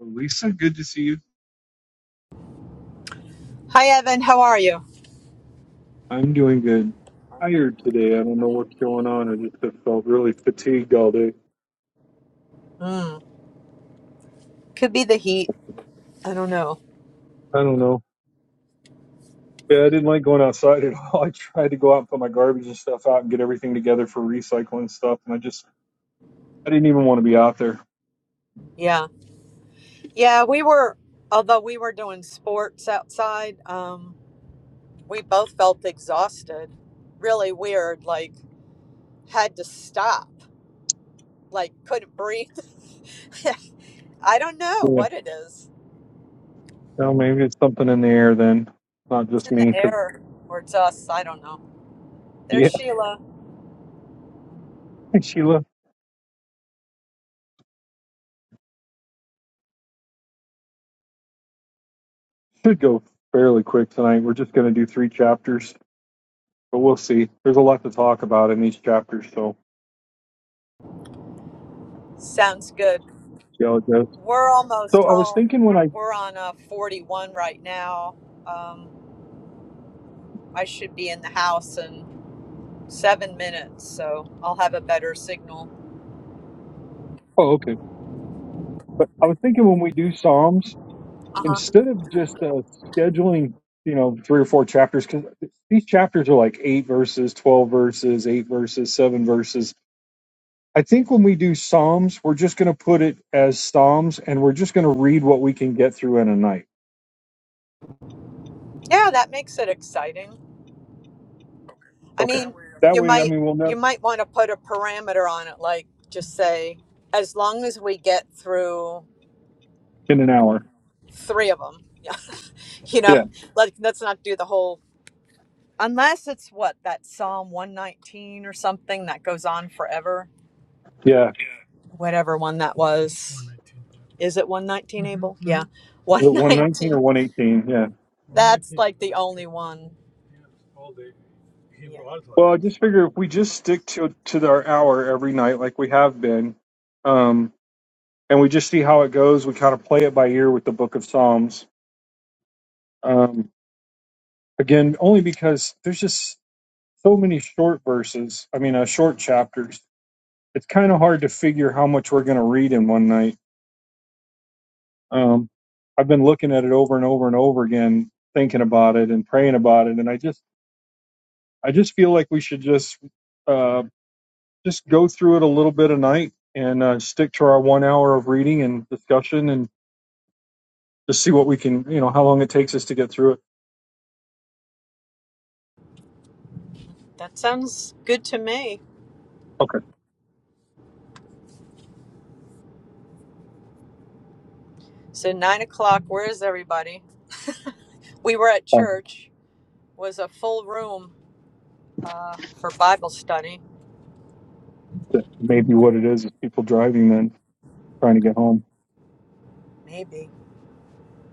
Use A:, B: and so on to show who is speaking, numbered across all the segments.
A: Lisa, good to see you.
B: Hi, Evan. How are you?
A: I'm doing good. Tired today. I don't know what's going on. I just have felt really fatigued all day.
B: Mm, could be the heat. I don't know.
A: I don't know. Yeah, I didn't like going outside at all. I tried to go out and put my garbage and stuff out and get everything together for recycling stuff, and I just I didn't even want to be out there.
B: Yeah. Yeah, we were, although we were doing sports outside, um, we both felt exhausted. Really weird. Like, had to stop. Like, couldn't breathe. I don't know
A: Yeah.
B: what it is.
A: Well, maybe it's something in the air then. Not
B: It's
A: just
B: in
A: me,
B: the
A: because
B: air or it's us. I don't know. There's
A: yeah,
B: Sheila.
A: I think Sheila should go fairly quick tonight. We're just going to do three chapters, but we'll see. There's a lot to talk about in these chapters, so
B: Sounds good.
A: see how it goes.
B: We're almost
A: So I was
B: home.
A: thinking when I
B: We're on a 41 right now. Um, I should be in the house in seven minutes, so I'll have a better signal.
A: oh okay But I was thinking when we do Psalms, instead of just uh, scheduling, you know, three or four chapters, because these chapters are like eight verses, 12 verses, eight verses, seven verses. I think when we do Psalms, we're just going to put it as Psalms and we're just going to read what we can get through in a night.
B: Yeah, that makes it exciting. I
A: Okay.
B: mean,
A: That
B: you
A: way, I
B: might
A: mean, we'll know
B: you might want to put a parameter on it, like just say, as long as we get through
A: in an hour.
B: three of them. Yeah, you know,
A: Yeah.
B: like let's not do the whole. Unless it's what that Psalm one nineteen or something that goes on forever,
A: Yeah.
B: whatever one that was. Is it one nineteen, mm-hmm. Abel? Mm-hmm. Yeah, one
A: The 119
B: nineteen.
A: or 118. Yeah.
B: That's like the only one. Hebrew Yeah.
A: Well, I
B: alphabet.
A: just figure if we just stick to to our hour every night like we have been, and we just see how it goes. We kind of play it by ear with the Book of Psalms. Um, again, only because there's just so many short verses. I mean, uh, short chapters. It's kind of hard to figure how much we're going to read in one night. Um, I've been looking at it over and over and over again, thinking about it and praying about it, and I just, I just feel like we should just, uh, just go through it a little bit a night and uh, stick to our one hour of reading and discussion, and just see what we can, you know, how long it takes us to get through it.
B: That sounds good to me.
A: Okay.
B: So nine o'clock. Where is everybody? We were at church. Was a full room uh, for Bible study.
A: that maybe what it is is people driving then trying to get home.
B: Maybe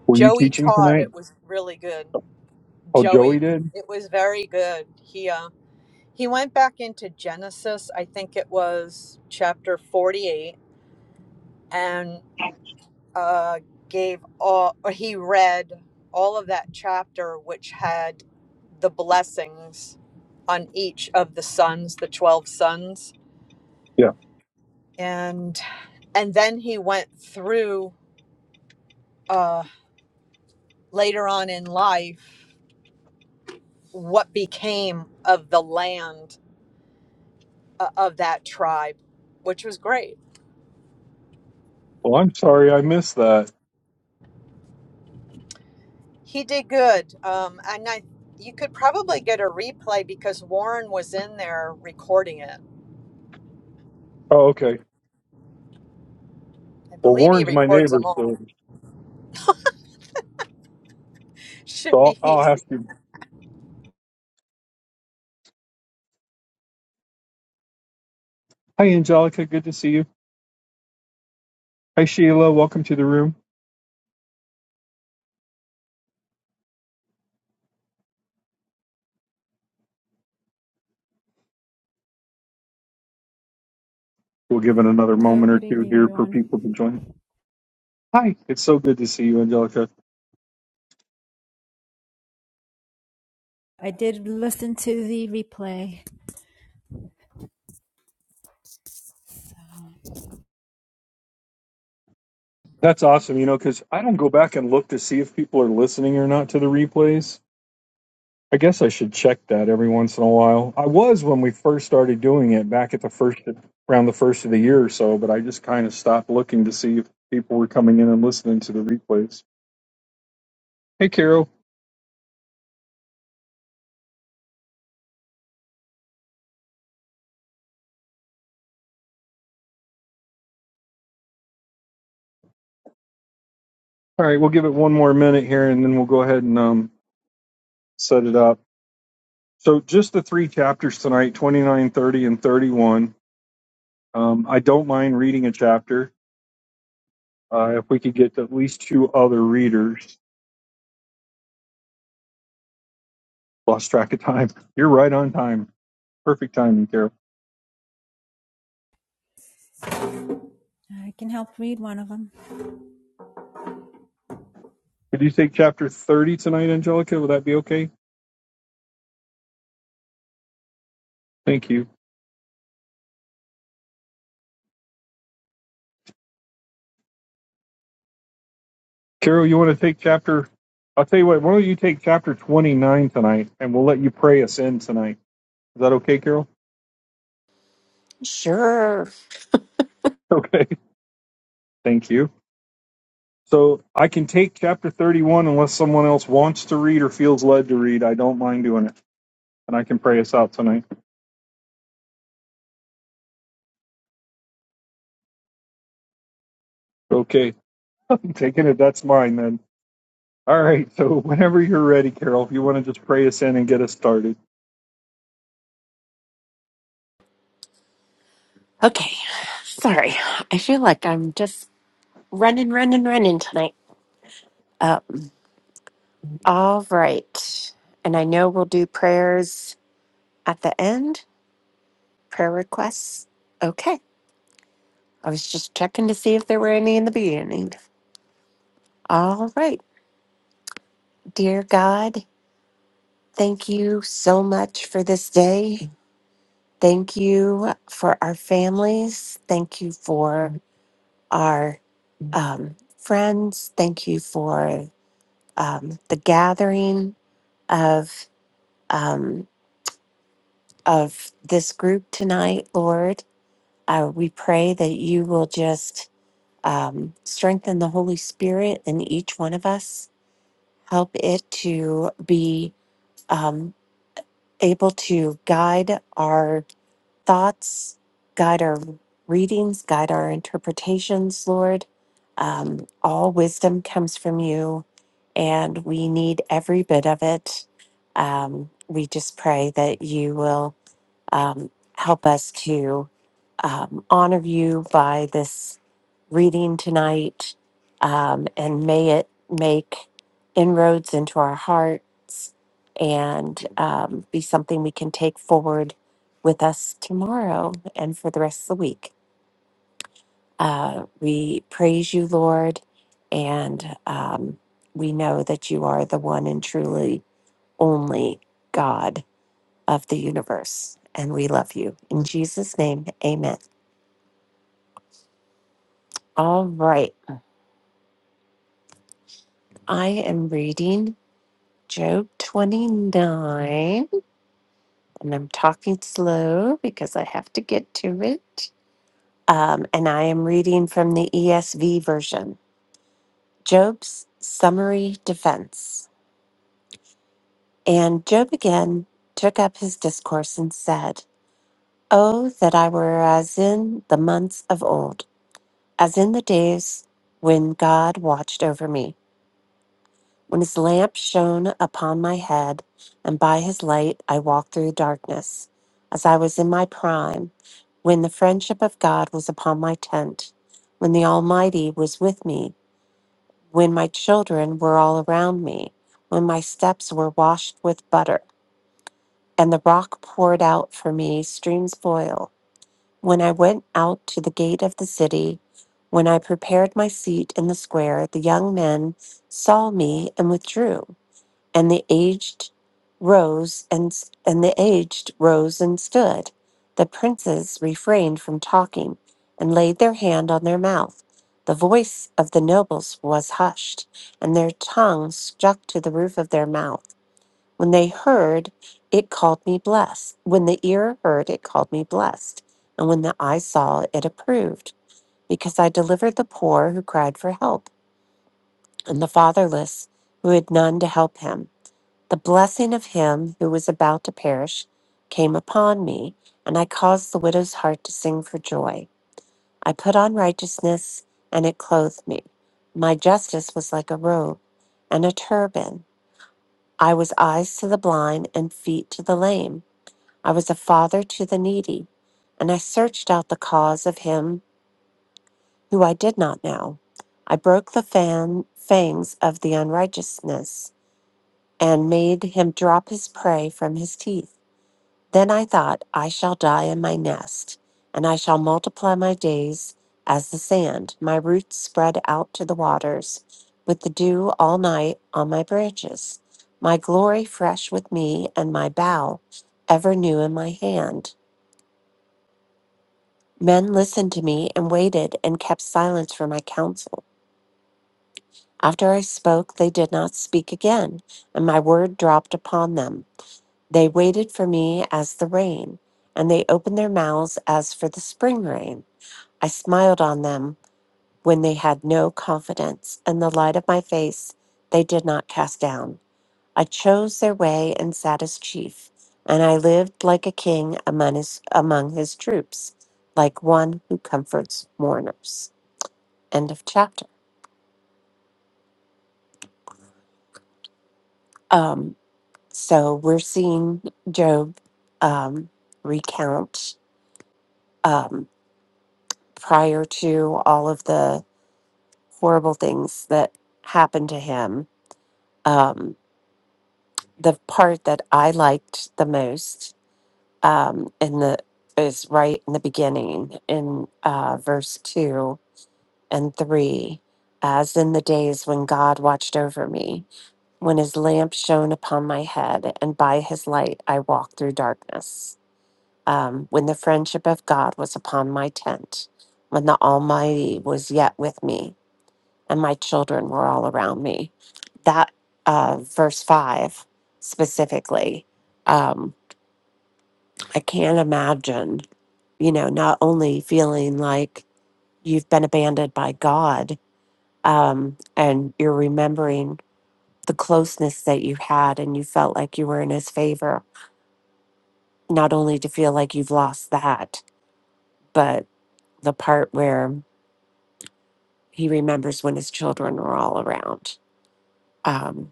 A: Were you
B: Joey
A: teaching
B: taught.
A: tonight?
B: It was really good.
A: Oh, Joey
B: Joey,
A: did.
B: it was very good. He uh, he went back into Genesis. I think it was chapter forty-eight, and. uh, gave all, or he read all of that chapter, which had the blessings on each of the sons, the 12 sons.
A: Yeah.
B: And, and then he went through uh, later on in life what became of the land uh, of that tribe, which was great.
A: Well, I'm sorry I missed that.
B: He did good. Um, and I, you could probably get a replay because Warren was in there recording it.
A: Oh, okay.
B: I
A: Well,
B: believe he
A: Warren's my
B: records
A: neighbor,
B: them all.
A: so so
B: should
A: I'll,
B: be
A: I'll have
B: easy.
A: to. Hi, Angelica. Good to see you. Hi, Sheila. Welcome to the room. We'll give it another
C: Hello,
A: moment or
C: good
A: two
C: evening,
A: here for
C: everyone.
A: people to join. Hi. It's so good to see you, Angelica.
C: I did listen to the replay, so
A: That's awesome. You know, because I don't go back and look to see if people are listening or not to the replays I guess I should check that every once in a while. I was when we first started doing it back at the first around the first of the year or so, but I just kind of stopped looking to see if people were coming in and listening to the replays. Hey, Carol. All right, we'll give it one more minute here, and then we'll go ahead and um, set it up. So, just the three chapters tonight 29, 30, and 31. Um, I don't mind reading a chapter uh, if we could get at least two other readers. Lost track of time. You're right on time. Perfect timing, Carol.
C: I can help read one of them.
A: Could you take chapter 30 tonight, Angelica? Would that be okay? Thank you. Carol, you want to take chapter? I'll tell you what, why don't you take chapter 29 tonight and we'll let you pray us in tonight. Is that okay, Carol?
D: Sure.
A: Okay. Thank you. So I can take chapter 31 unless someone else wants to read or feels led to read. I don't mind doing it. And I can pray us out tonight. Okay. I'm taking it. That's mine then. All right. So whenever you're ready, Carol, if you want to just pray us in and get us started.
D: Okay. Sorry. I feel like I'm just running, running, running tonight. Uh, all right. And I know we'll do prayers at the end, prayer requests. Okay. I was just checking to see if there were any in the beginning. All right. Dear God, thank you so much for this day. Thank you for our families. Thank you for our um, friends. Thank you for um, the gathering of um, of this group tonight, Lord. Uh, we pray that you will just um, strengthen the Holy Spirit in each one of us. Help it to be. Um, able to guide our thoughts, guide our readings, guide our interpretations, Lord. Um, all wisdom comes from you, and we need every bit of it. Um, we just pray that you will um, help us to um, honor you by this reading tonight, um, and may it make inroads into our hearts and um, be something we can take forward with us tomorrow and for the rest of the week. Uh, we praise you, Lord, and um, we know that you are the one and truly only God of the universe. And we love you. In Jesus' name, amen. All right. I am reading Job 29, and I'm talking slow because I have to get to it. Um, and I am reading from the ESV version Job's summary defense. And Job again took up his discourse and said, Oh, that I were as in the months of old, as in the days when God watched over me When his lamp shone upon my head, and by his light I walked through darkness, as I was in my prime, when the friendship of God was upon my tent, when the Almighty was with me, when my children were all around me, when my steps were washed with butter, and the rock poured out for me streams of oil, when I went out to the gate of the city, when I prepared my seat in the square, the young men saw me and withdrew and the aged rose and and the aged rose and stood the princes refrained from talking and laid their hand on their mouth the voice of the nobles was hushed and their tongues stuck to the roof of their mouth when they heard it called me blessed when the ear heard it called me blessed and when the eye saw it approved because i delivered the poor who cried for help and the fatherless who had none to help him the blessing of him who was about to perish came upon me, and I caused the widow's heart to sing for joy. I put on righteousness, and it clothed me. My justice was like a robe and a turban. I was eyes to the blind and feet to the lame. I was a father to the needy, and I searched out the cause of him who I did not know. I broke the fan, fangs of the unrighteousness and made him drop his prey from his teeth. Then I thought, I shall die in my nest, and I shall multiply my days as the sand, my roots spread out to the waters, with the dew all night on my branches, my glory fresh with me, and my bough ever new in my hand. Men listened to me and waited and kept silence for my counsel. After I spoke, they did not speak again, and my word dropped upon them. They waited for me as the rain, and they opened their mouths as for the spring rain. I smiled on them when they had no confidence, and the light of my face they did not cast down. I chose their way and sat as chief, and I lived like a king among his, among his troops, like one who comforts mourners. End of chapter. Um, so we're seeing Job um, recount. um, prior to all of the horrible things that happened to him. Um, the part that I liked the most um, in the is right in the beginning in uh, verse two and three, as in the days when God watched over me, when His lamp shone upon my head, and by His light I walked through darkness. Um, when the friendship of God was upon my tent, when the Almighty was yet with me, and my children were all around me. That uh, verse five specifically, um, I can't imagine, you know, not only feeling like you've been abandoned by God um, and you're remembering the closeness that you had and you felt like you were in his favor, not only to feel like you've lost that, but the part where he remembers when his children were all around um,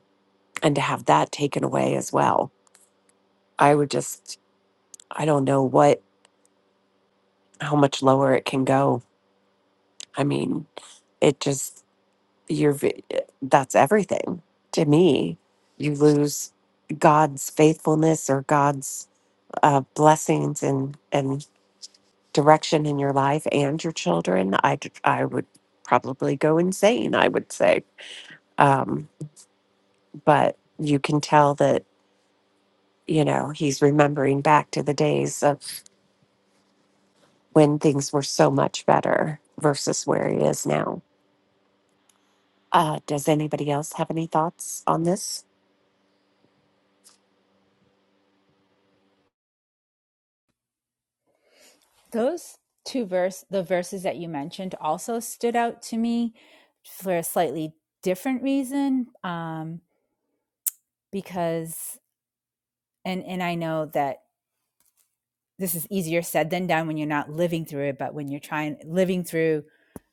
D: and to have that taken away as well I would just, I don't know what, how much lower it can go. I mean, it just, you're, v- that's everything to me. You lose God's faithfulness or God's uh, blessings and, and direction in your life and your children. I, d- I would probably go insane, I would say. Um, but you can tell that, you know, he's remembering back to the days of when things were so much better versus where he is now. Uh, does anybody else have any thoughts on this?
C: Those two verse the verses that you mentioned also stood out to me for a slightly different reason um because and and I know that this is easier said than done when you're not living through it but when you're trying living through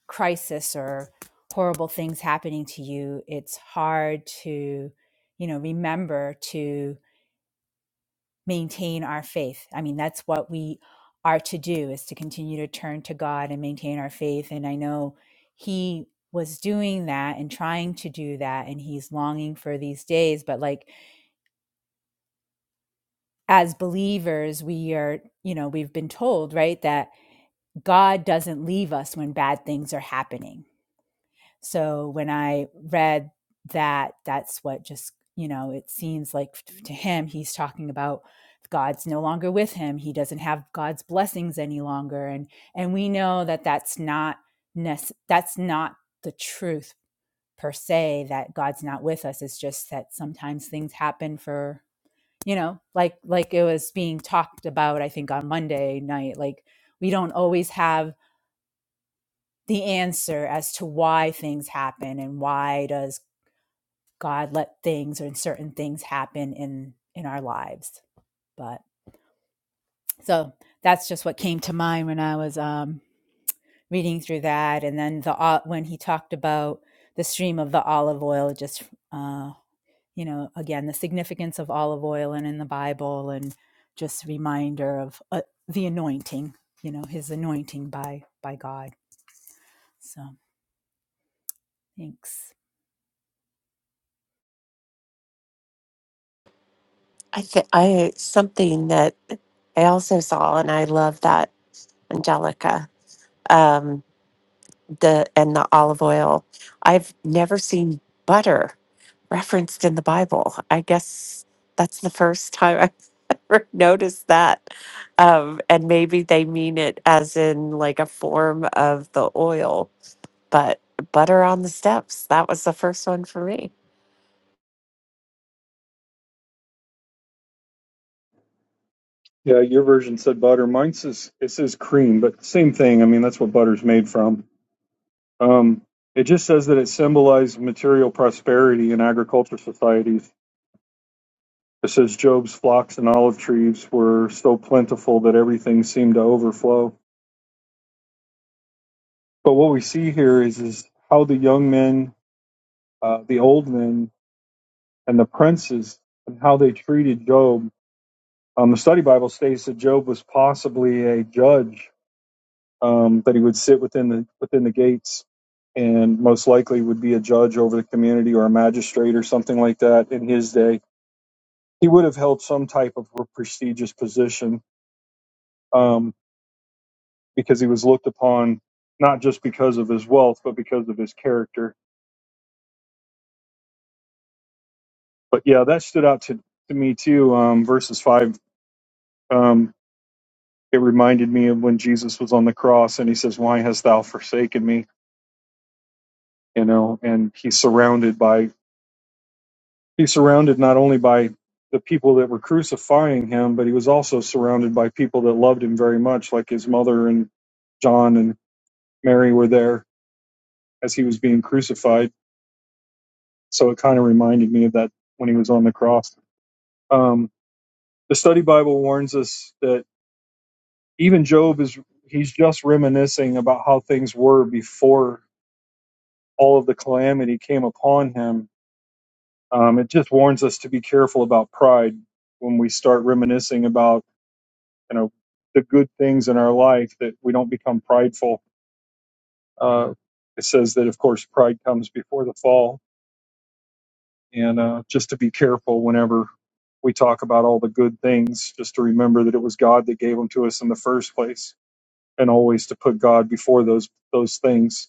C: crisis or horrible things happening to you it's hard to you know remember to maintain our faith. I mean, that's what we are to do is to continue to turn to God and maintain our faith. And I know he was doing that and trying to do that and he's longing for these days but like as believers we are you know we've been told right that god doesn't leave us when bad things are happening So when I read that, that's what just, you know, it seems like to him, he's talking about God's no longer with him. He doesn't have God's blessings any longer. And, and we know that that's not, nece- that's not the truth per se, that God's not with us. It's just that sometimes things happen for, you know, like, like it was being talked about, I think on Monday night, like we don't always have the answer as to why things happen and why does God let things and certain things happen in in our lives. But so that's just what came to mind when I was um, reading through that, and then the ol- when he talked about the stream of the olive oil, just uh, you know, again the significance of olive oil and in the Bible, and just reminder of uh, the anointing, you know, his anointing by by God. So thanks.
D: I think I something that I also saw, and I love that Angelica, um, the and the olive oil. I've never seen butter referenced in the Bible. I guess that's the first time I've ever noticed that. Um, and maybe they mean it as in like a form of the oil, but butter on the steps. That was the first one for me.
A: Yeah, your version said butter. Mine says it says cream, but same thing. I mean, that's what butter's made from. Um, it just says that it symbolized material prosperity in agriculture societies. It says Job's flocks and olive trees were so plentiful that everything seemed to overflow. But what we see here is is how the young men, uh, the old men, and the princes, and how they treated Job. Um, the study Bible states that Job was possibly a judge um, that he would sit within the within the gates and most likely would be a judge over the community or a magistrate or something like that in his day. He would have held some type of a prestigious position um, because he was looked upon not just because of his wealth but because of his character. But yeah, that stood out to, to me too. Um, verses five, um, it reminded me of when Jesus was on the cross and he says, "Why hast thou forsaken me?" You know, and he's surrounded by He's surrounded not only by the people that were crucifying him, but he was also surrounded by people that loved him very much, like his mother and John and Mary were there as he was being crucified. So it kind of reminded me of that when he was on the cross. Um, the study Bible warns us that even Job is, he's just reminiscing about how things were before all of the calamity came upon him. Um, it just warns us to be careful about pride when we start reminiscing about you know the good things in our life that we don't become prideful uh, it says that of course pride comes before the fall and uh, just to be careful whenever we talk about all the good things just to remember that it was god that gave them to us in the first place and always to put god before those those things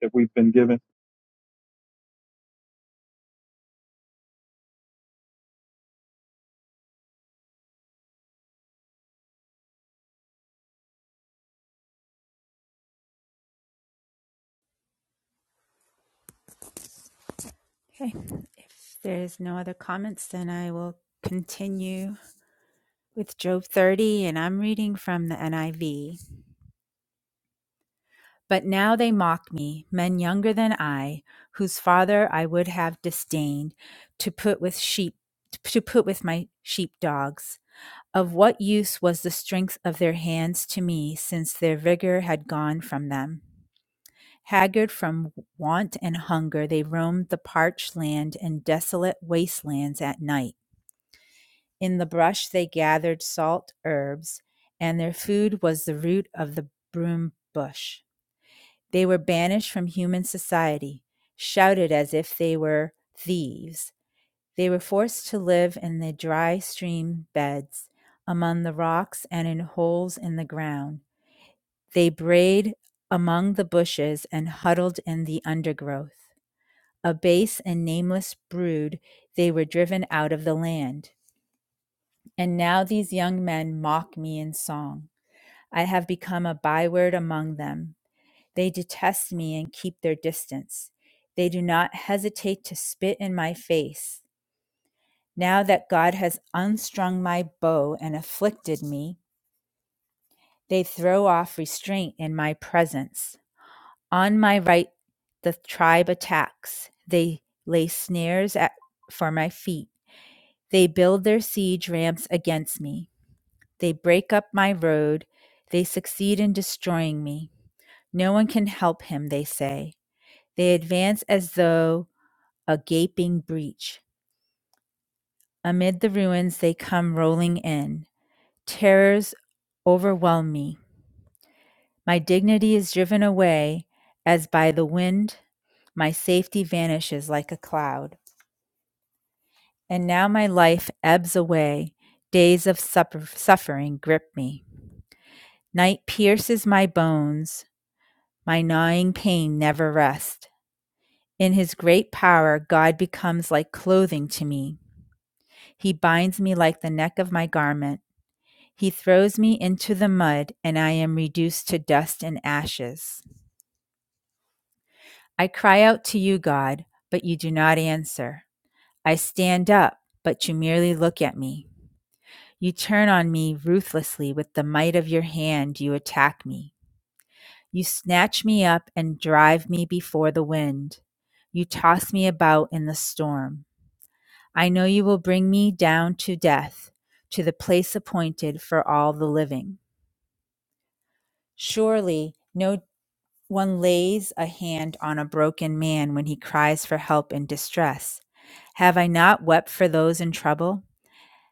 A: that we've been given
C: Okay, if there's no other comments, then I will continue with Job 30, and I'm reading from the NIV. But now they mock me, men younger than I, whose father I would have disdained to put with sheep to put with my sheepdogs. Of what use was the strength of their hands to me, since their vigor had gone from them? Haggard from want and hunger, they roamed the parched land and desolate wastelands at night. In the brush they gathered salt herbs, and their food was the root of the broom bush. They were banished from human society, shouted as if they were thieves. They were forced to live in the dry stream beds, among the rocks, and in holes in the ground. They brayed among the bushes and huddled in the undergrowth. A base and nameless brood, they were driven out of the land. And now these young men mock me in song. I have become a byword among them. They detest me and keep their distance. They do not hesitate to spit in my face. Now that God has unstrung my bow and afflicted me, they throw off restraint in my presence. On my right, the tribe attacks. They lay snares at, for my feet. They build their siege ramps against me. They break up my road. They succeed in destroying me. No one can help him, they say. They advance as though a gaping breach. Amid the ruins, they come rolling in. Terrors overwhelm me. My dignity is driven away as by the wind. My safety vanishes like a cloud. And now my life ebbs away. Days of supper- suffering grip me. Night pierces my bones. My gnawing pain never rests. In his great power, God becomes like clothing to me. He binds me like the neck of my garment. He throws me into the mud, and I am reduced to dust and ashes. I cry out to you, God, but you do not answer. I stand up, but you merely look at me. You turn on me ruthlessly with the might of your hand, you attack me. You snatch me up and drive me before the wind. You toss me about in the storm. I know you will bring me down to death, to the place appointed for all the living. Surely no one lays a hand on a broken man when he cries for help in distress. Have I not wept for those in trouble?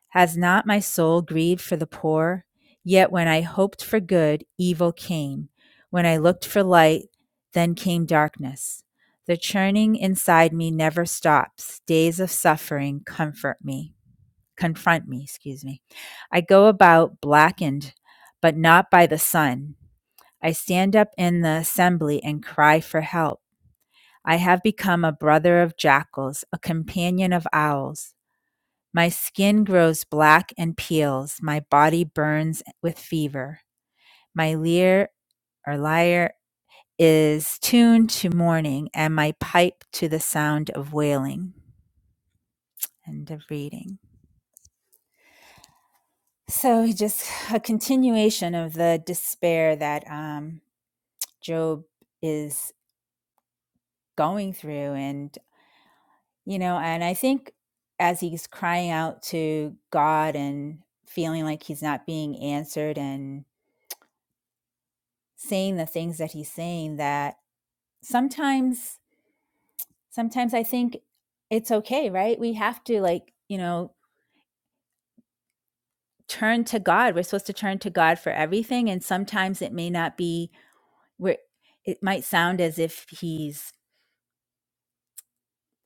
C: Has not my soul grieved for the poor? Yet when I hoped for good, evil came. When I looked for light, then came darkness. The churning inside me never stops. Days of suffering comfort me, confront me, excuse me. I go about blackened, but not by the sun. I stand up in the assembly and cry for help. I have become a brother of jackals, a companion of owls. My skin grows black and peels. My body burns with fever. My lyre or lyre is tuned to mourning, and my pipe to the sound of wailing. End of reading. So, just a continuation of the despair that um, Job is going through. And, you know, and I think as he's crying out to God and feeling like he's not being answered and saying the things that he's saying that sometimes sometimes i think it's okay right we have to like you know turn to god we're supposed to turn to god for everything and sometimes it may not be where it might sound as if he's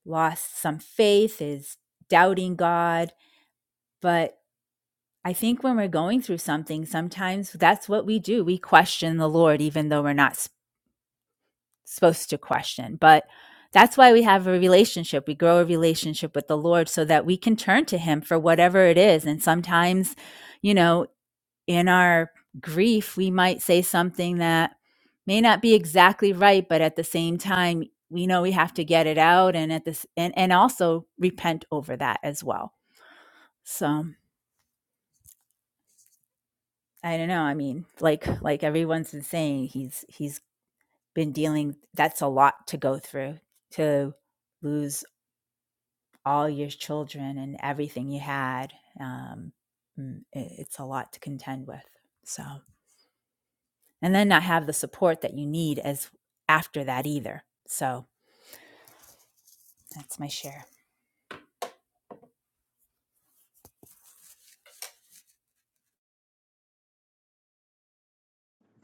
C: lost some faith is doubting god but i think when we're going through something sometimes that's what we do we question the lord even though we're not supposed to question. But that's why we have a relationship. We grow a relationship with the Lord so that we can turn to Him for whatever it is. And sometimes, you know, in our grief, we might say something that may not be exactly right, but at the same time, we know we have to get it out and at this and, and also repent over that as well. So I don't know. I mean, like like everyone's been saying, he's he's been dealing that's a lot to go through to lose all your children and everything you had um, mm, it's a lot to contend with so and then not have the support that you need as after that either so that's my share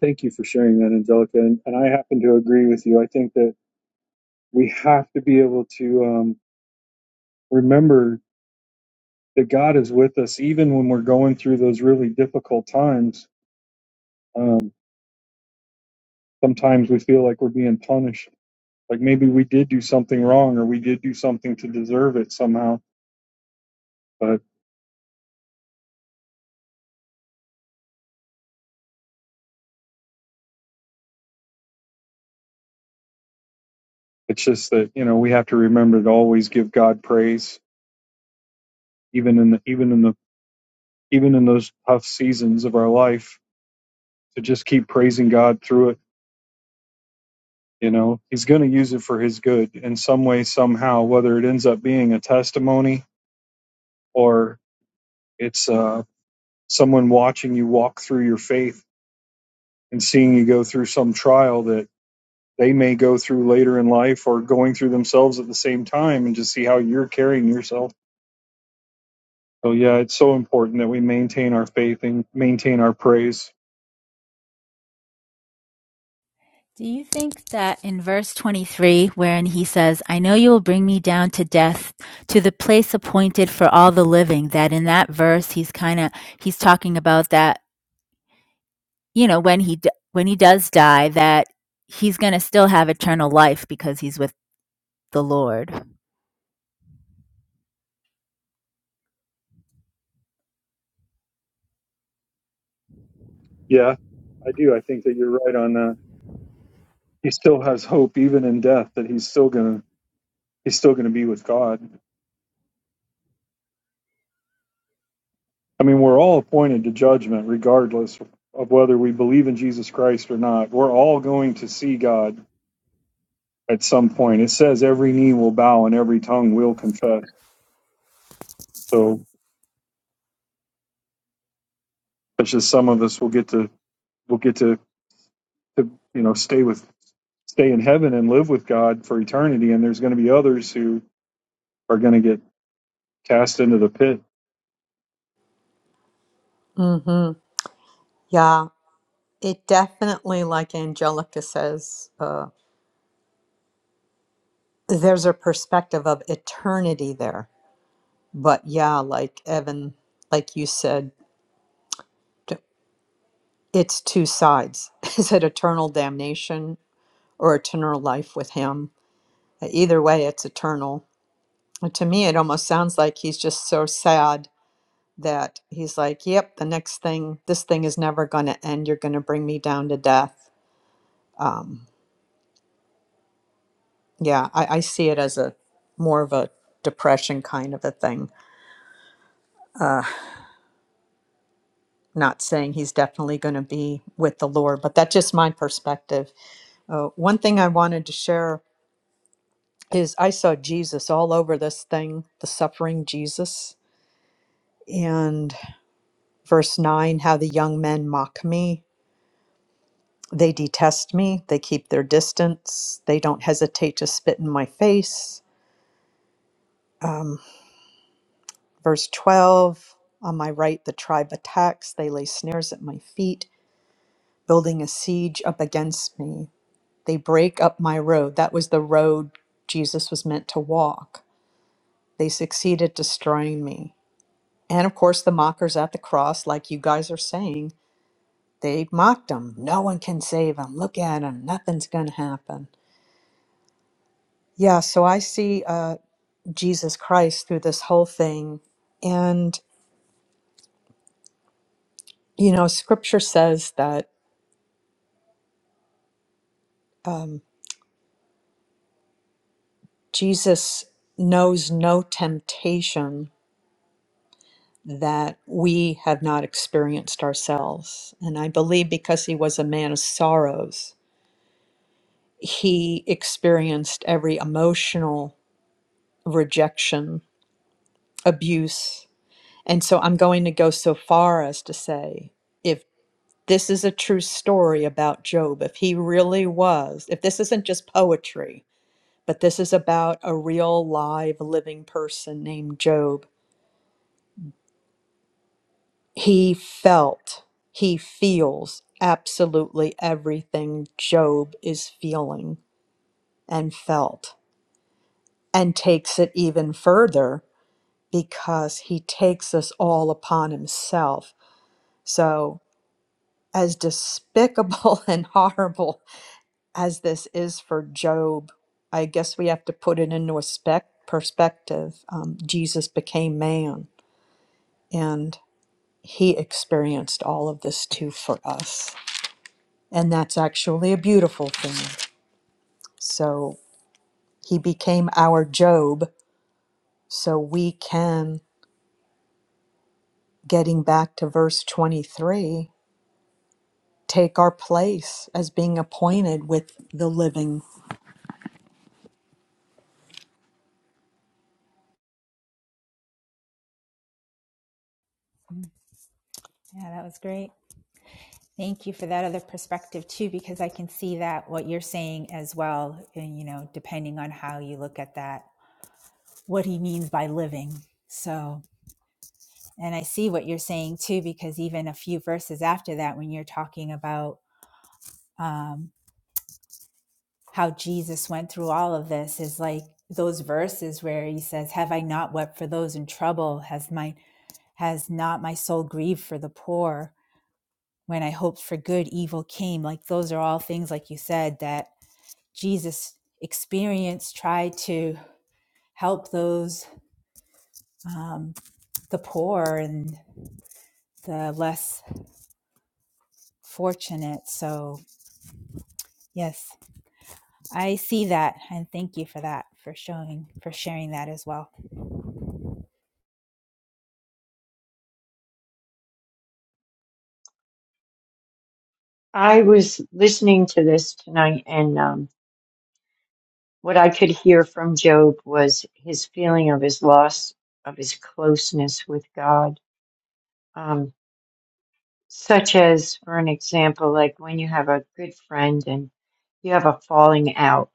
A: thank you for sharing that angelica and, and i happen to agree with you i think that we have to be able to um, remember that god is with us even when we're going through those really difficult times Um, sometimes we feel like we're being punished, like maybe we did do something wrong or we did do something to deserve it somehow. But it's just that you know we have to remember to always give God praise, even in the even in the even in those tough seasons of our life, to just keep praising God through it. You know, He's going to use it for His good in some way, somehow, whether it ends up being a testimony or it's uh, someone watching you walk through your faith and seeing you go through some trial that. they may go through later in life or going through themselves at the same time and just see how you're carrying yourself. So yeah, it's so important that we maintain our faith and maintain our praise.
C: do you think that in verse 23 wherein he says i know you will bring me down to death to the place appointed for all the living that in that verse he's kind of he's talking about that you know when he when he does die that he's going to still have eternal life because he's with the lord
A: Yeah, I do. I think that you're right on that. He still has hope even in death that he's still gonna he's still gonna be with God. I mean, we're all appointed to judgment regardless of whether we believe in Jesus Christ or not. We're all going to see God at some point. It says every knee will bow and every tongue will confess. So it's just some of us will get to will get to, to you know stay with stay in heaven and live with God for eternity. And there's going to be others who are going to get cast into the pit.
B: Mm-hmm. Yeah, it definitely, like Angelica says, uh, there's a perspective of eternity there. But yeah, like Evan, like you said, t- it's two sides. Is it eternal damnation or eternal life with him? Either way, it's eternal. And to me, it almost sounds like he's just so sad that he's like, yep, the next thing, this thing is never going to end. You're going to bring me down to death. Um, Yeah, I, I see it as a more of a depression kind of a thing. Uh, not saying he's definitely going to be with the Lord, but that's just my perspective. Uh, one thing I wanted to share is I saw Jesus all over this thing, the suffering Jesus. And verse 9 how the young men mock me. They detest me. They keep their distance. They don't hesitate to spit in my face. Um, verse 12 on my right, the tribe attacks. They lay snares at my feet. building a siege up against me. They break up my road. That was the road Jesus was meant to walk. They succeeded destroying me. And of course, the mockers at the cross, like you guys are saying, they mocked him. No one can save him. Look at him. Nothing's going to happen. Yeah, so I see uh, Jesus Christ through this whole thing. And, you know, scripture says that um, Jesus knows no temptation that we have not experienced ourselves. And I believe because he was a man of sorrows, he experienced every emotional rejection, abuse. And so I'm going to go so far as to say if this is a true story about Job, if he really was, if this isn't just poetry, but this is about a real, live, living person named Job He felt, he feels absolutely everything Job is feeling and felt, and takes it even further because he takes us all upon himself. So, as despicable and horrible as this is for Job, I guess we have to put it into a spec- perspective. Um, Jesus became man, and he experienced all of this too for us. And that's actually a beautiful thing. So he became our Job. So we can, getting back to verse 23, take our place as being appointed with the living.
C: Yeah, that was great. Thank you for that other perspective too, because I can see that what you're saying as well. And, you know, depending on how you look at that, what he means by living. So, and I see what you're saying too, because even a few verses after that, when you're talking about um, how Jesus went through all of this, is like those verses where he says, Have I not wept for those in trouble? Has my has not my soul grieved for the poor? When I hoped for good, evil came. Like those are all things, like you said, that Jesus experience tried to help those, um, the poor and the less fortunate. So, yes, I see that. And thank you for that, for showing, for sharing that as well.
E: I was listening to this tonight, and um, what I could hear from Job was his feeling of his loss of his closeness with God. Um, such as, for an example, like when you have a good friend and you have a falling out,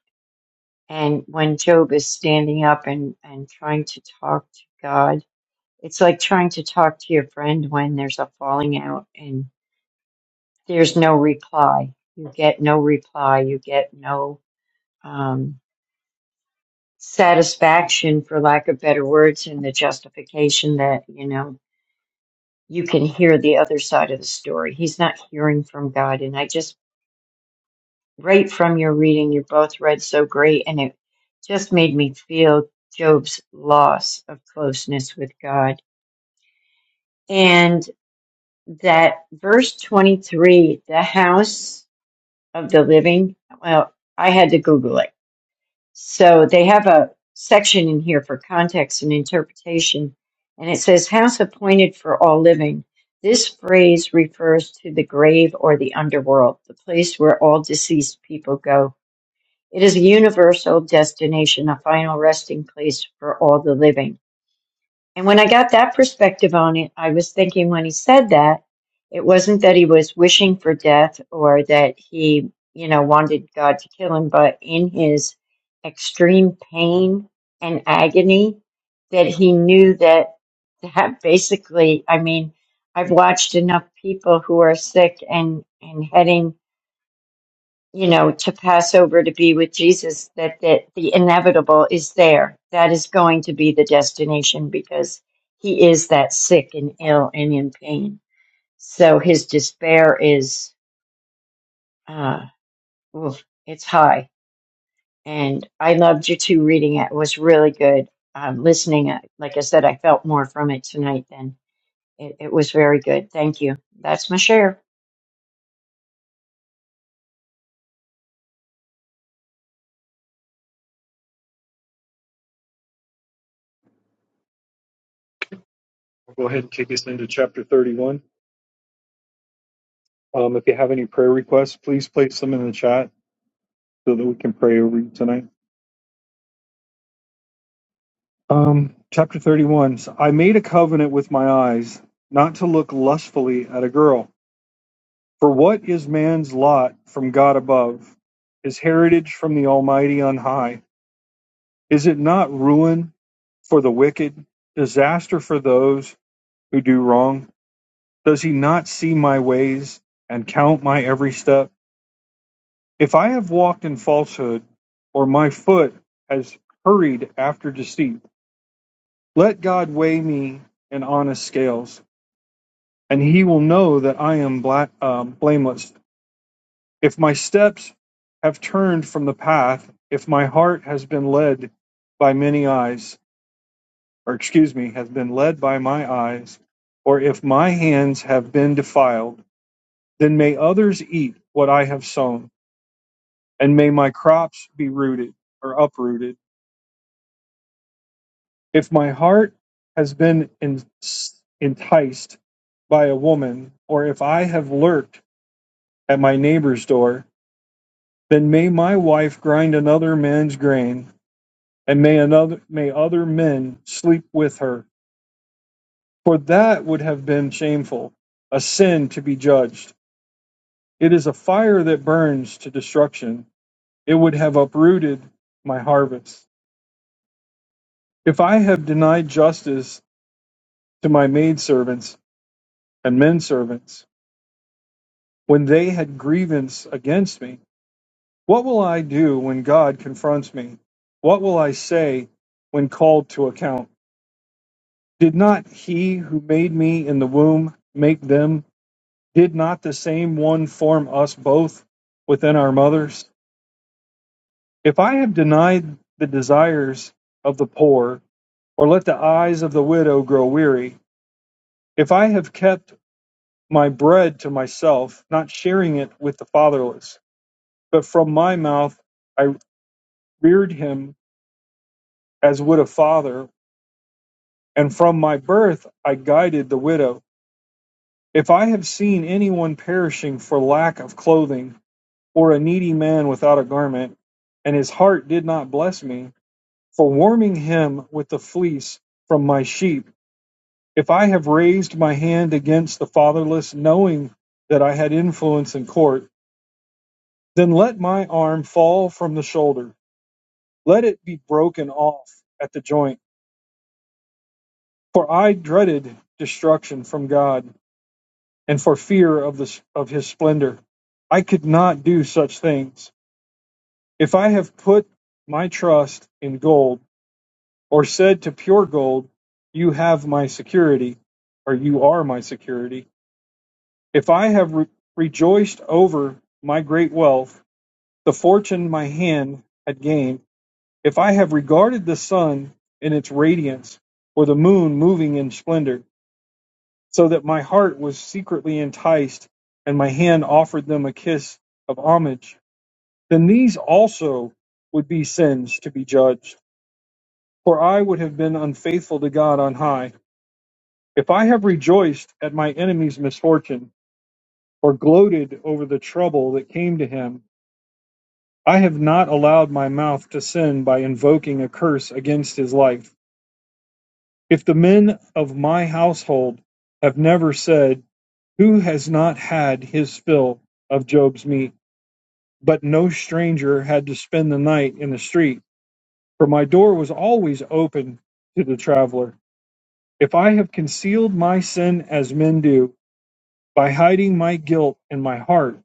E: and when Job is standing up and, and trying to talk to God, it's like trying to talk to your friend when there's a falling out and there's no reply. You get no reply. You get no. Um, satisfaction, for lack of better words, and the justification that, you know, you can hear the other side of the story. He's not hearing from God. And I just, right from your reading, you both read so great, and it just made me feel Job's loss of closeness with God. And that verse 23, the house of the living, well, I had to Google it So they have a section in here for context and interpretation, and it says, House appointed for all living. This phrase refers to the grave or the underworld, the place where all deceased people go. It is a universal destination, a final resting place for all the living. And when I got that perspective on it, I was thinking when he said that, it wasn't that he was wishing for death or that he, you know, wanted God to kill him, but in his extreme pain and agony, that he knew that that basically, I mean, I've watched enough people who are sick and, and heading you know, to pass over to be with Jesus, that, that the inevitable is there. That is going to be the destination because he is that sick and ill and in pain. So his despair is, uh, oof, it's high. And I loved you too reading it. It was really good. Um, listening, uh, like I said, I felt more from it tonight than it, it was very good. Thank you. That's my share.
A: We'll Go ahead and kick us into chapter 31. Um, if you have any prayer requests, please place them in the chat so that we can pray over you tonight. Um, chapter 31. So I made a covenant with my eyes not to look lustfully at a girl. For what is man's lot from God above? His heritage from the Almighty on high. Is it not ruin for the wicked, disaster for those who do wrong? Does he not see my ways and count my every step? If I have walked in falsehood, or my foot has hurried after deceit, let God weigh me in honest scales, and he will know that I am bla- um, blameless. If my steps have turned from the path, if my heart has been led by many eyes, or excuse me, has been led by my eyes, or if my hands have been defiled, then may others eat what I have sown, and may my crops be rooted or uprooted. If my heart has been enticed by a woman, or if I have lurked at my neighbor's door, then may my wife grind another man's grain, and may another may other men sleep with her. For that would have been shameful, a sin to be judged. It is a fire that burns to destruction. It would have uprooted my harvest. If I have denied justice to my maidservants and men servants, when they had grievance against me, what will I do when God confronts me? What will I say when called to account? Did not he who made me in the womb make them? Did not the same one form us both within our mothers? If I have denied the desires of the poor, or let the eyes of the widow grow weary. If I have kept my bread to myself, not sharing it with the fatherless, but from my mouth I reared him as would a father, and from my birth I guided the widow. If I have seen anyone perishing for lack of clothing, or a needy man without a garment, and his heart did not bless me, for warming him with the fleece from my sheep, If I have raised my hand against the fatherless, knowing that I had influence in court, then let my arm fall from the shoulder. Let it be broken off at the joint. For I dreaded destruction from God, and for fear of, the, of his splendor. I could not do such things. If I have put my trust in gold, or said to pure gold, You have my security, or you are my security, If I have re- rejoiced over my great wealth, the fortune my hand had gained, if I have regarded the sun in its radiance, or the moon moving in splendor, so that my heart was secretly enticed, and my hand offered them a kiss of homage, then these also would be sins to be judged, for I would have been unfaithful to God on high. If I have rejoiced at my enemy's misfortune, or gloated over the trouble that came to him, I have not allowed my mouth to sin by invoking a curse against his life. If the men of my household have never said, Who has not had his fill of Job's meat? But no stranger had to spend the night in the street, for my door was always open to the traveler. If I have concealed my sin as men do, by hiding my guilt in my heart,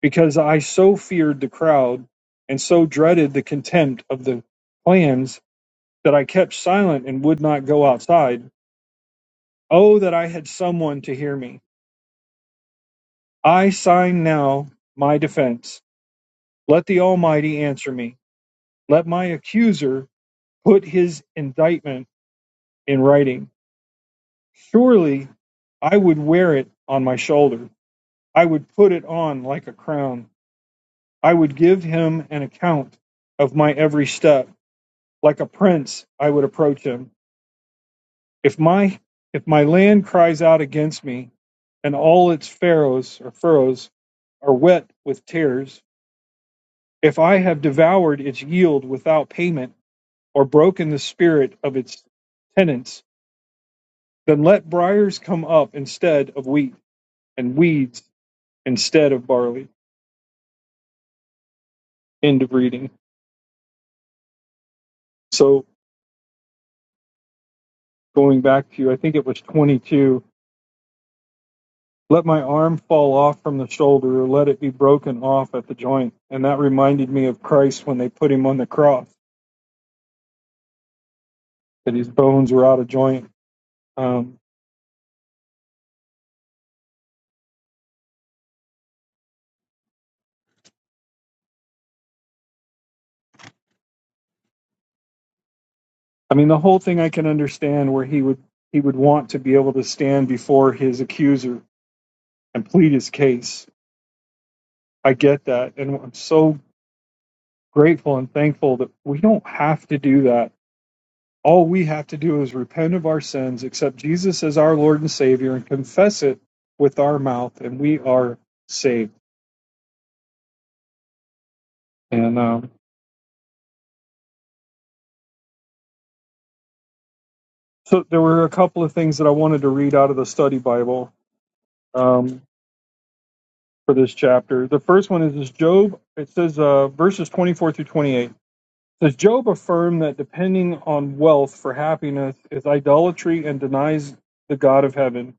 A: because I so feared the crowd and so dreaded the contempt of the clans that I kept silent and would not go outside. Oh, that I had someone to hear me. I sign now my defense. Let the Almighty answer me. Let my accuser put his indictment in writing. Surely I would wear it on my shoulder. I would put it on like a crown. I would give him an account of my every step. Like a prince, I would approach him. If my if my land cries out against me, and all its furrows or furrows are wet with tears, if I have devoured its yield without payment, or broken the spirit of its tenants, then let briars come up instead of wheat, and weeds instead of barley. End of reading. So going back to I think it was twenty two. Let my arm fall off from the shoulder, or let it be broken off at the joint. And that reminded me of Christ when they put him on the cross, that his bones were out of joint. Um, I mean, the whole thing I can understand where he would he would want to be able to stand before his accuser and plead his case. I get that, and I'm so grateful and thankful that we don't have to do that. All we have to do is repent of our sins, accept Jesus as our Lord and Savior, and confess it with our mouth, and we are saved. And um, so there were a couple of things that I wanted to read out of the study Bible um, for this chapter. The first one is, is Job. It says uh, verses 24 through 28. Does Job affirm that depending on wealth for happiness is idolatry and denies the God of heaven?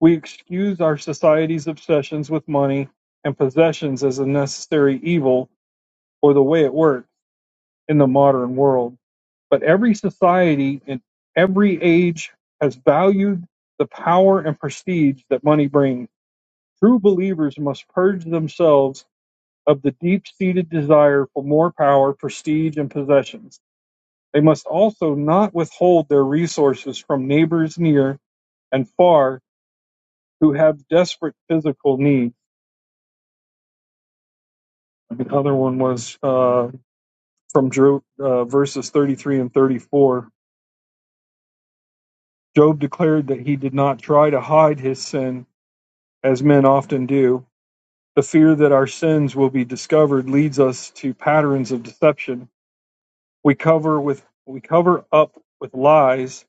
A: We excuse our society's obsessions with money and possessions as a necessary evil or the way it works in the modern world. But every society in every age has valued the power and prestige that money brings. True believers must purge themselves of the deep seated desire for more power, prestige, and possessions They must also not withhold their resources from neighbors near and far who have desperate physical needs. The other one was uh, from Job, uh, verses 33 and 34. Job declared that he did not try to hide his sin, as men often do. The fear that our sins will be discovered leads us to patterns of deception. We cover with we cover up with lies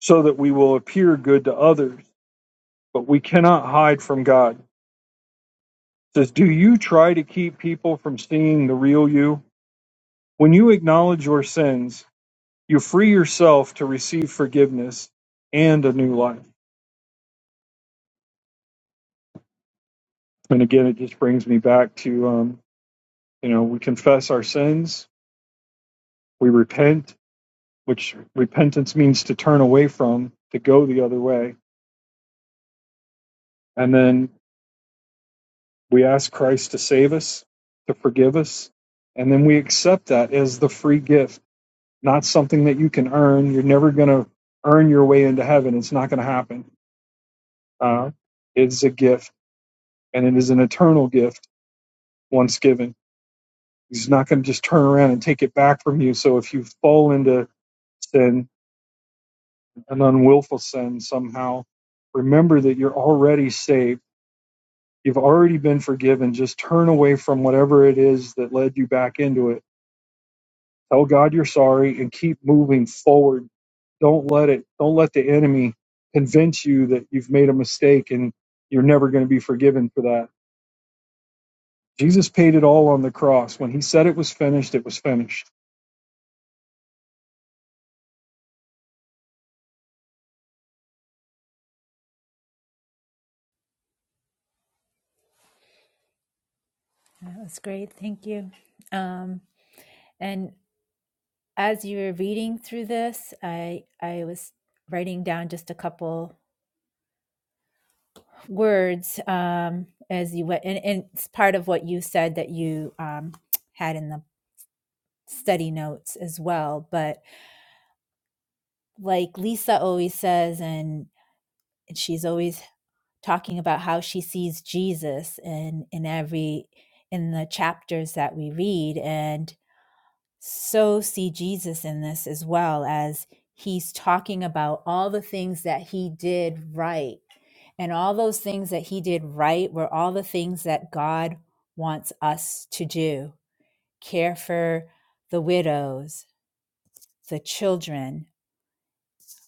A: so that we will appear good to others, but we cannot hide from God. says, Do you try to keep people from seeing the real you? When you acknowledge your sins, you free yourself to receive forgiveness and a new life. And again, it just brings me back to, um, you know, we confess our sins, we repent, which repentance means to turn away from, to go the other way. And then we ask Christ to save us, to forgive us. And then we accept that as the free gift not something that you can earn. You're never going to earn your way into heaven. It's not going to happen. Uh, it's a gift, and it is an eternal gift once given. He's not going to just turn around and take it back from you. So if you fall into sin, an unwillful sin somehow, remember that you're already saved. You've already been forgiven. Just turn away from whatever it is that led you back into it. Tell God you're sorry and keep moving forward Don't let it, don't let the enemy convince you that you've made a mistake and you're never going to be forgiven for that. Jesus paid it all on the cross. When he said it was finished, it was finished.
C: That was great. Thank you. Um, and as you were reading through this, I, I was writing down just a couple words um, as you went. And, and it's part of what you said that you um, had in the study notes as well. But like Lisa always says, and she's always talking about how she sees Jesus in in every in the chapters that we read, and so see Jesus in this as well as he's talking about all the things that he did right. And all those things that he did right were all the things that God wants us to do care for the widows, the children,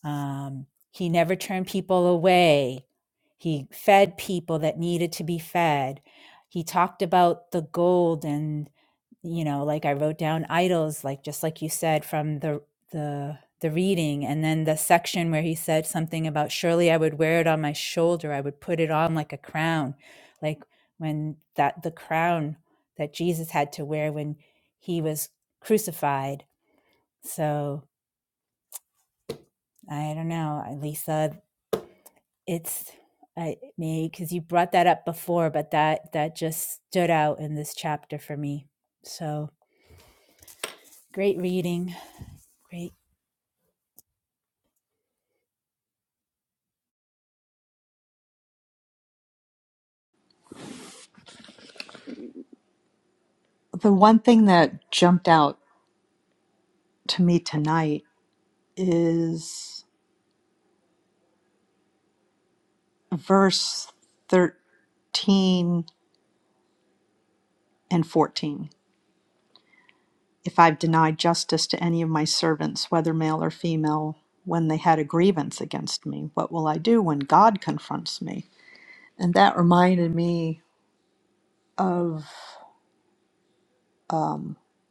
C: Um, he never turned people away. He fed people that needed to be fed. He talked about the gold and you know, like I wrote down idols, like just like you said from the the the reading, and then the section where he said something about surely I would wear it on my shoulder, I would put it on like a crown, like when that the crown that Jesus had to wear when he was crucified. So I don't know, Lisa. It's I may because you brought that up before, but that that just stood out in this chapter for me. So great reading, great
B: The one thing that jumped out to me tonight is verse 13 and 14. if I've denied justice to any of my servants, whether male or female, when they had a grievance against me? What will I do when God confronts me? And that reminded me of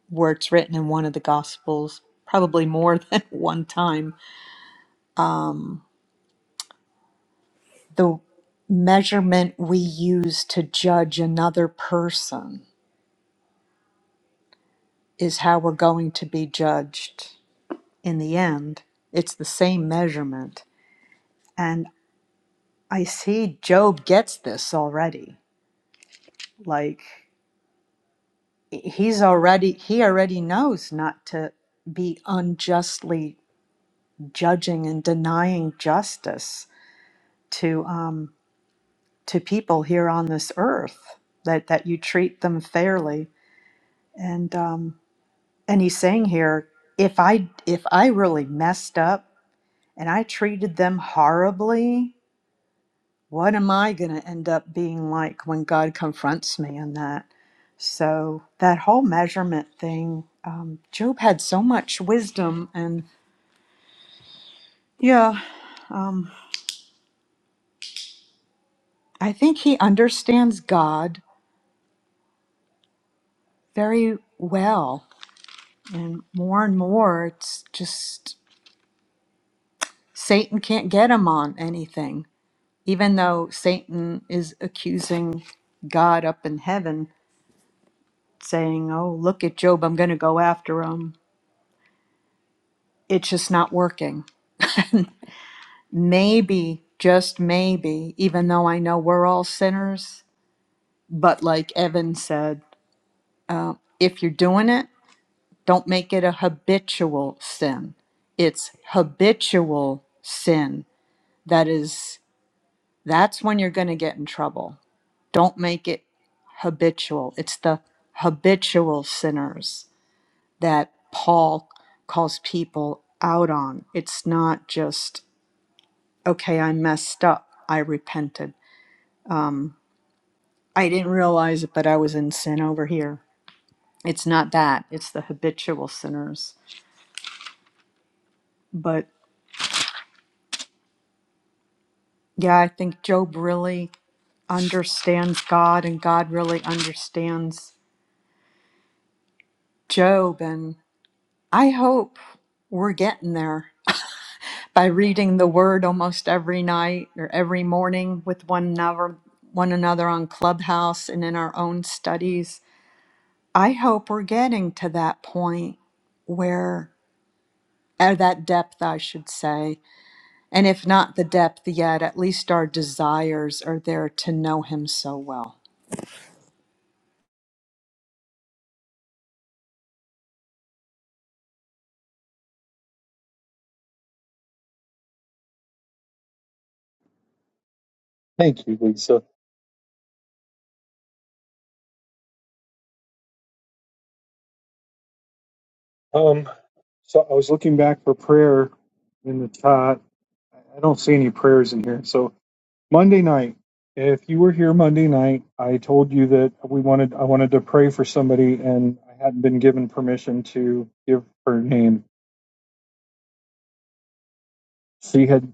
B: where it's written in one of the Gospels, probably more than one time, the measurement we use to judge another person is how we're going to be judged in the end. It's the same measurement. And I see Job gets this already. Like, he's already he already knows not to be unjustly judging and denying justice to um to people here on this earth that that you treat them fairly and um and he's saying here if i if i really messed up and i treated them horribly what am I going to end up being like when God confronts me in that? So, that whole measurement thing, um, Job had so much wisdom. And yeah, um, I think he understands God very well. And more and more, it's just Satan can't get him on anything. Even though Satan is accusing God up in heaven, saying, Oh, look at Job, I'm going to go after him it's just not working. maybe, just maybe, even though I know we're all sinners, but like Evan said, if you're doing it, don't make it a habitual sin. It's habitual sin that is that's when you're going to get in trouble. Don't make it habitual. It's the habitual sinners that Paul calls people out on. It's not just okay, I messed up. I repented. I didn't realize it, but I was in sin over here. It's not that, it's the habitual sinners. But yeah, I think Job really understands God and God really understands Job. And I hope we're getting there by reading the word almost every night or every morning with one another one another on clubhouse and in our own studies i hope we're getting to that point where or that depth, I should say. And if not the depth yet, at least our desires are there to know Him so well.
A: Thank you, Lisa. Um, so I was looking back for prayer in the chat. I don't see any prayers in here. So Monday night, if you were here Monday night, I told you that we wanted I wanted to pray for somebody and I hadn't been given permission to give her name. She had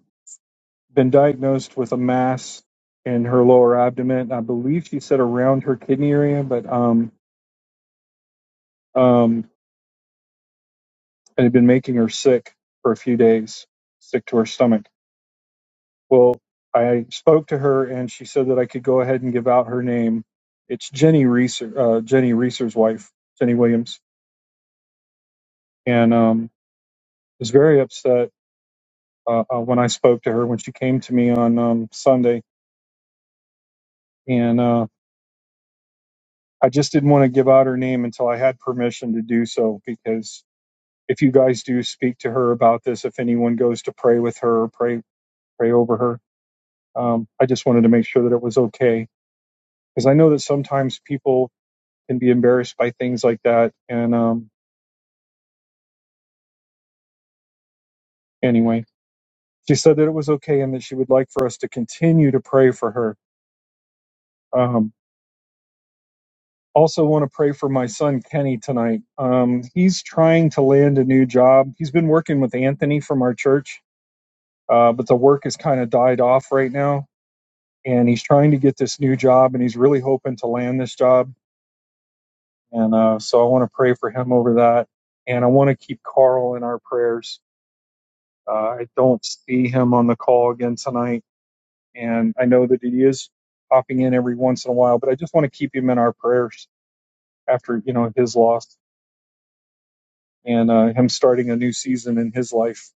A: been diagnosed with a mass in her lower abdomen. I believe she said around her kidney area, but um, um, it had been making her sick for a few days, sick to her stomach. Well, I spoke to her and she said that I could go ahead and give out her name. It's Jenny Reeser, uh, Jenny Reeser's wife, Jenny Williams, and um, was very upset uh, uh, when I spoke to her when she came to me on um, Sunday, and uh, I just didn't want to give out her name until I had permission to do so because if you guys do speak to her about this, if anyone goes to pray with her, pray pray over her. Um, I just wanted to make sure that it was okay because I know that sometimes people can be embarrassed by things like that. And um, anyway, she said that it was okay and that she would like for us to continue to pray for her. Um, also, want to pray for my son Kenny tonight. Um, he's trying to land a new job. He's been working with Anthony from our church, uh, but the work has kind of died off right now and he's trying to get this new job and he's really hoping to land this job and uh, so i want to pray for him over that and i want to keep carl in our prayers uh, i don't see him on the call again tonight and i know that he is popping in every once in a while but i just want to keep him in our prayers after you know his loss and uh, him starting a new season in his life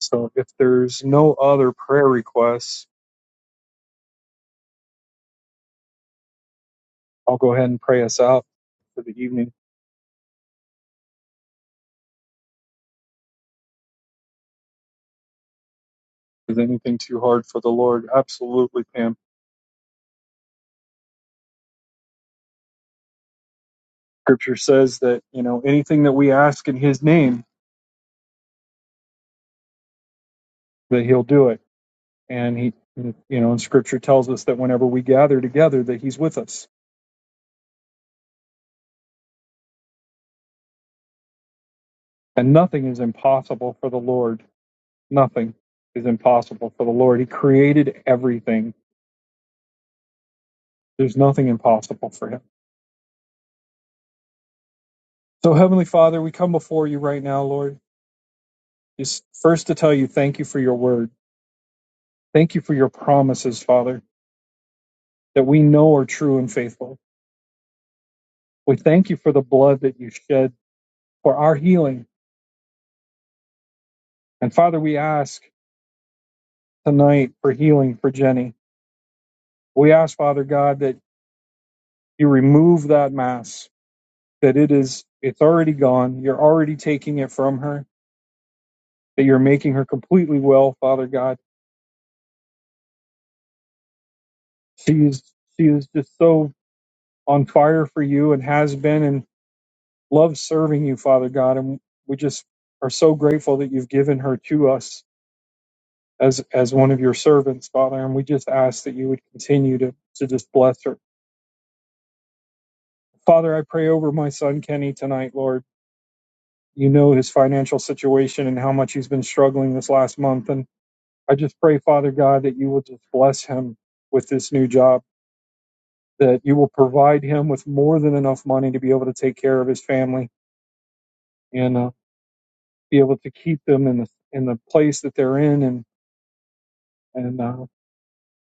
A: so if there's no other prayer requests i'll go ahead and pray us out for the evening is anything too hard for the lord absolutely pam Scripture says that you know anything that we ask in His name, that He'll do it. And He, you know, and Scripture tells us that whenever we gather together, that He's with us, and nothing is impossible for the Lord. Nothing is impossible for the Lord. He created everything. There's nothing impossible for Him. So, Heavenly Father, we come before You right now, Lord, just first to tell You thank You for Your Word. Thank You for Your promises, Father, that we know are true and faithful. We thank You for the blood that You shed for our healing And Father, we ask tonight for healing for Jenny. We ask, Father God, that you remove that mass, that it is, it's already gone. You're already taking it from her, that you're making her completely well, Father God. She is, she is just so on fire for you and has been and loves serving you, Father God. And we just are so grateful that you've given her to us as, as one of your servants, Father. And we just ask that you would continue to, to just bless her. Father, I pray over my son Kenny tonight, Lord. you know his financial situation and how much he's been struggling this last month. And I just pray, Father God, that you will just bless him with this new job, that you will provide him with more than enough money to be able to take care of his family and uh, be able to keep them in the in the place that they're in and and uh,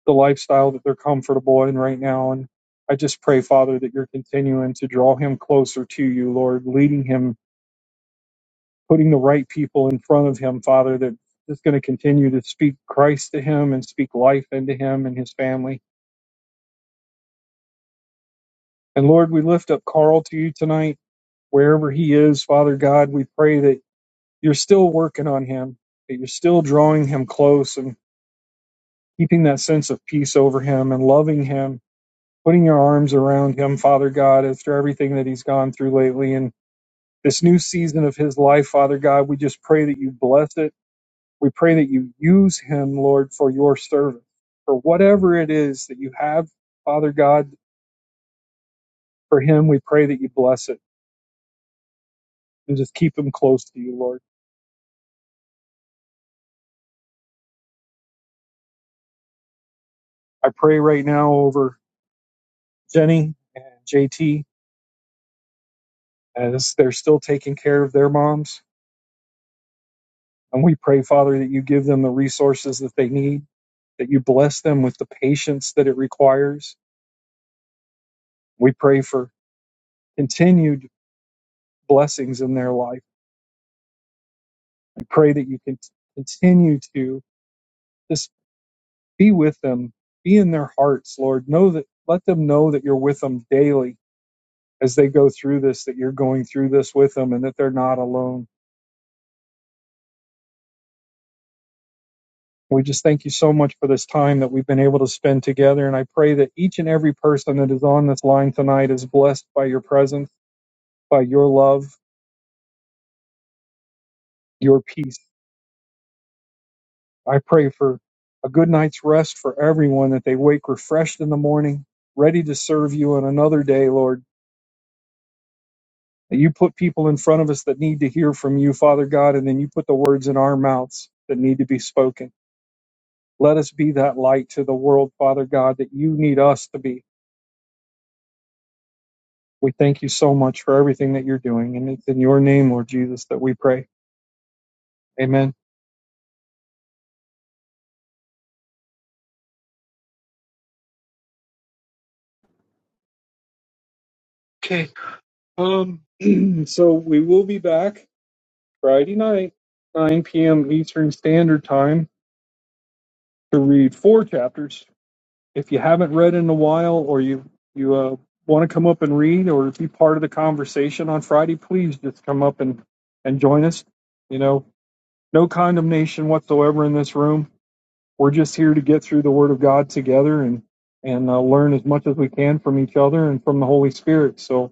A: the lifestyle that they're comfortable in right now. And I just pray, Father, that you're continuing to draw him closer to you, Lord, leading him putting the right people in front of him, Father, that is going to continue to speak Christ to him and speak life into him and his family. And Lord, we lift up Carl to you tonight, wherever he is, Father God. We pray that you're still working on him, that you're still drawing him close and keeping that sense of peace over him and loving him, putting your arms around him, Father God, after everything that he's gone through lately and this new season of his life, Father God. We just pray that you bless it We pray that you use him, Lord, for your servant, for whatever it is that you have, Father God, for him. We pray that you bless it and just keep him close to you, Lord. I pray right now over Jenny and JT as they're still taking care of their moms. And we pray, Father, that you give them the resources that they need, that you bless them with the patience that it requires. We pray for continued blessings in their life. We pray that you can continue to just. Be with them. Be in their hearts, Lord. Know that let them know that you're with them daily as they go through this, that you're going through this with them and that they're not alone. We just thank you so much for this time that we've been able to spend together. And I pray that each and every person that is on this line tonight is blessed by your presence, by your love, your peace. I pray for a good night's rest for everyone, that they wake refreshed in the morning, ready to serve you on another day, Lord You put people in front of us that need to hear from you, Father God, and then you put the words in our mouths that need to be spoken. Let us be that light to the world, Father God, that you need us to be. We thank you so much for everything that you're doing. And it's in your name, Lord Jesus, that we pray. Amen. Okay. Um, so we will be back Friday night, 9 p.m. Eastern Standard Time, to read four chapters If you haven't read in a while, or you you uh, want to come up and read, or be part of the conversation on Friday, please just come up and and join us. You know, no condemnation whatsoever in this room. We're just here to get through the Word of God together and and uh, learn as much as we can from each other and from the Holy Spirit. So.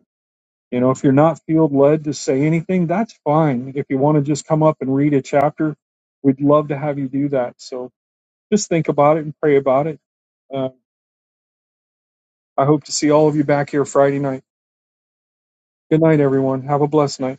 A: You know, if you're not field led to say anything, that's fine. If you want to just come up and read a chapter, we'd love to have you do that. So just think about it and pray about it. Uh, I hope to see all of you back here Friday night. Good night, everyone. Have a blessed night.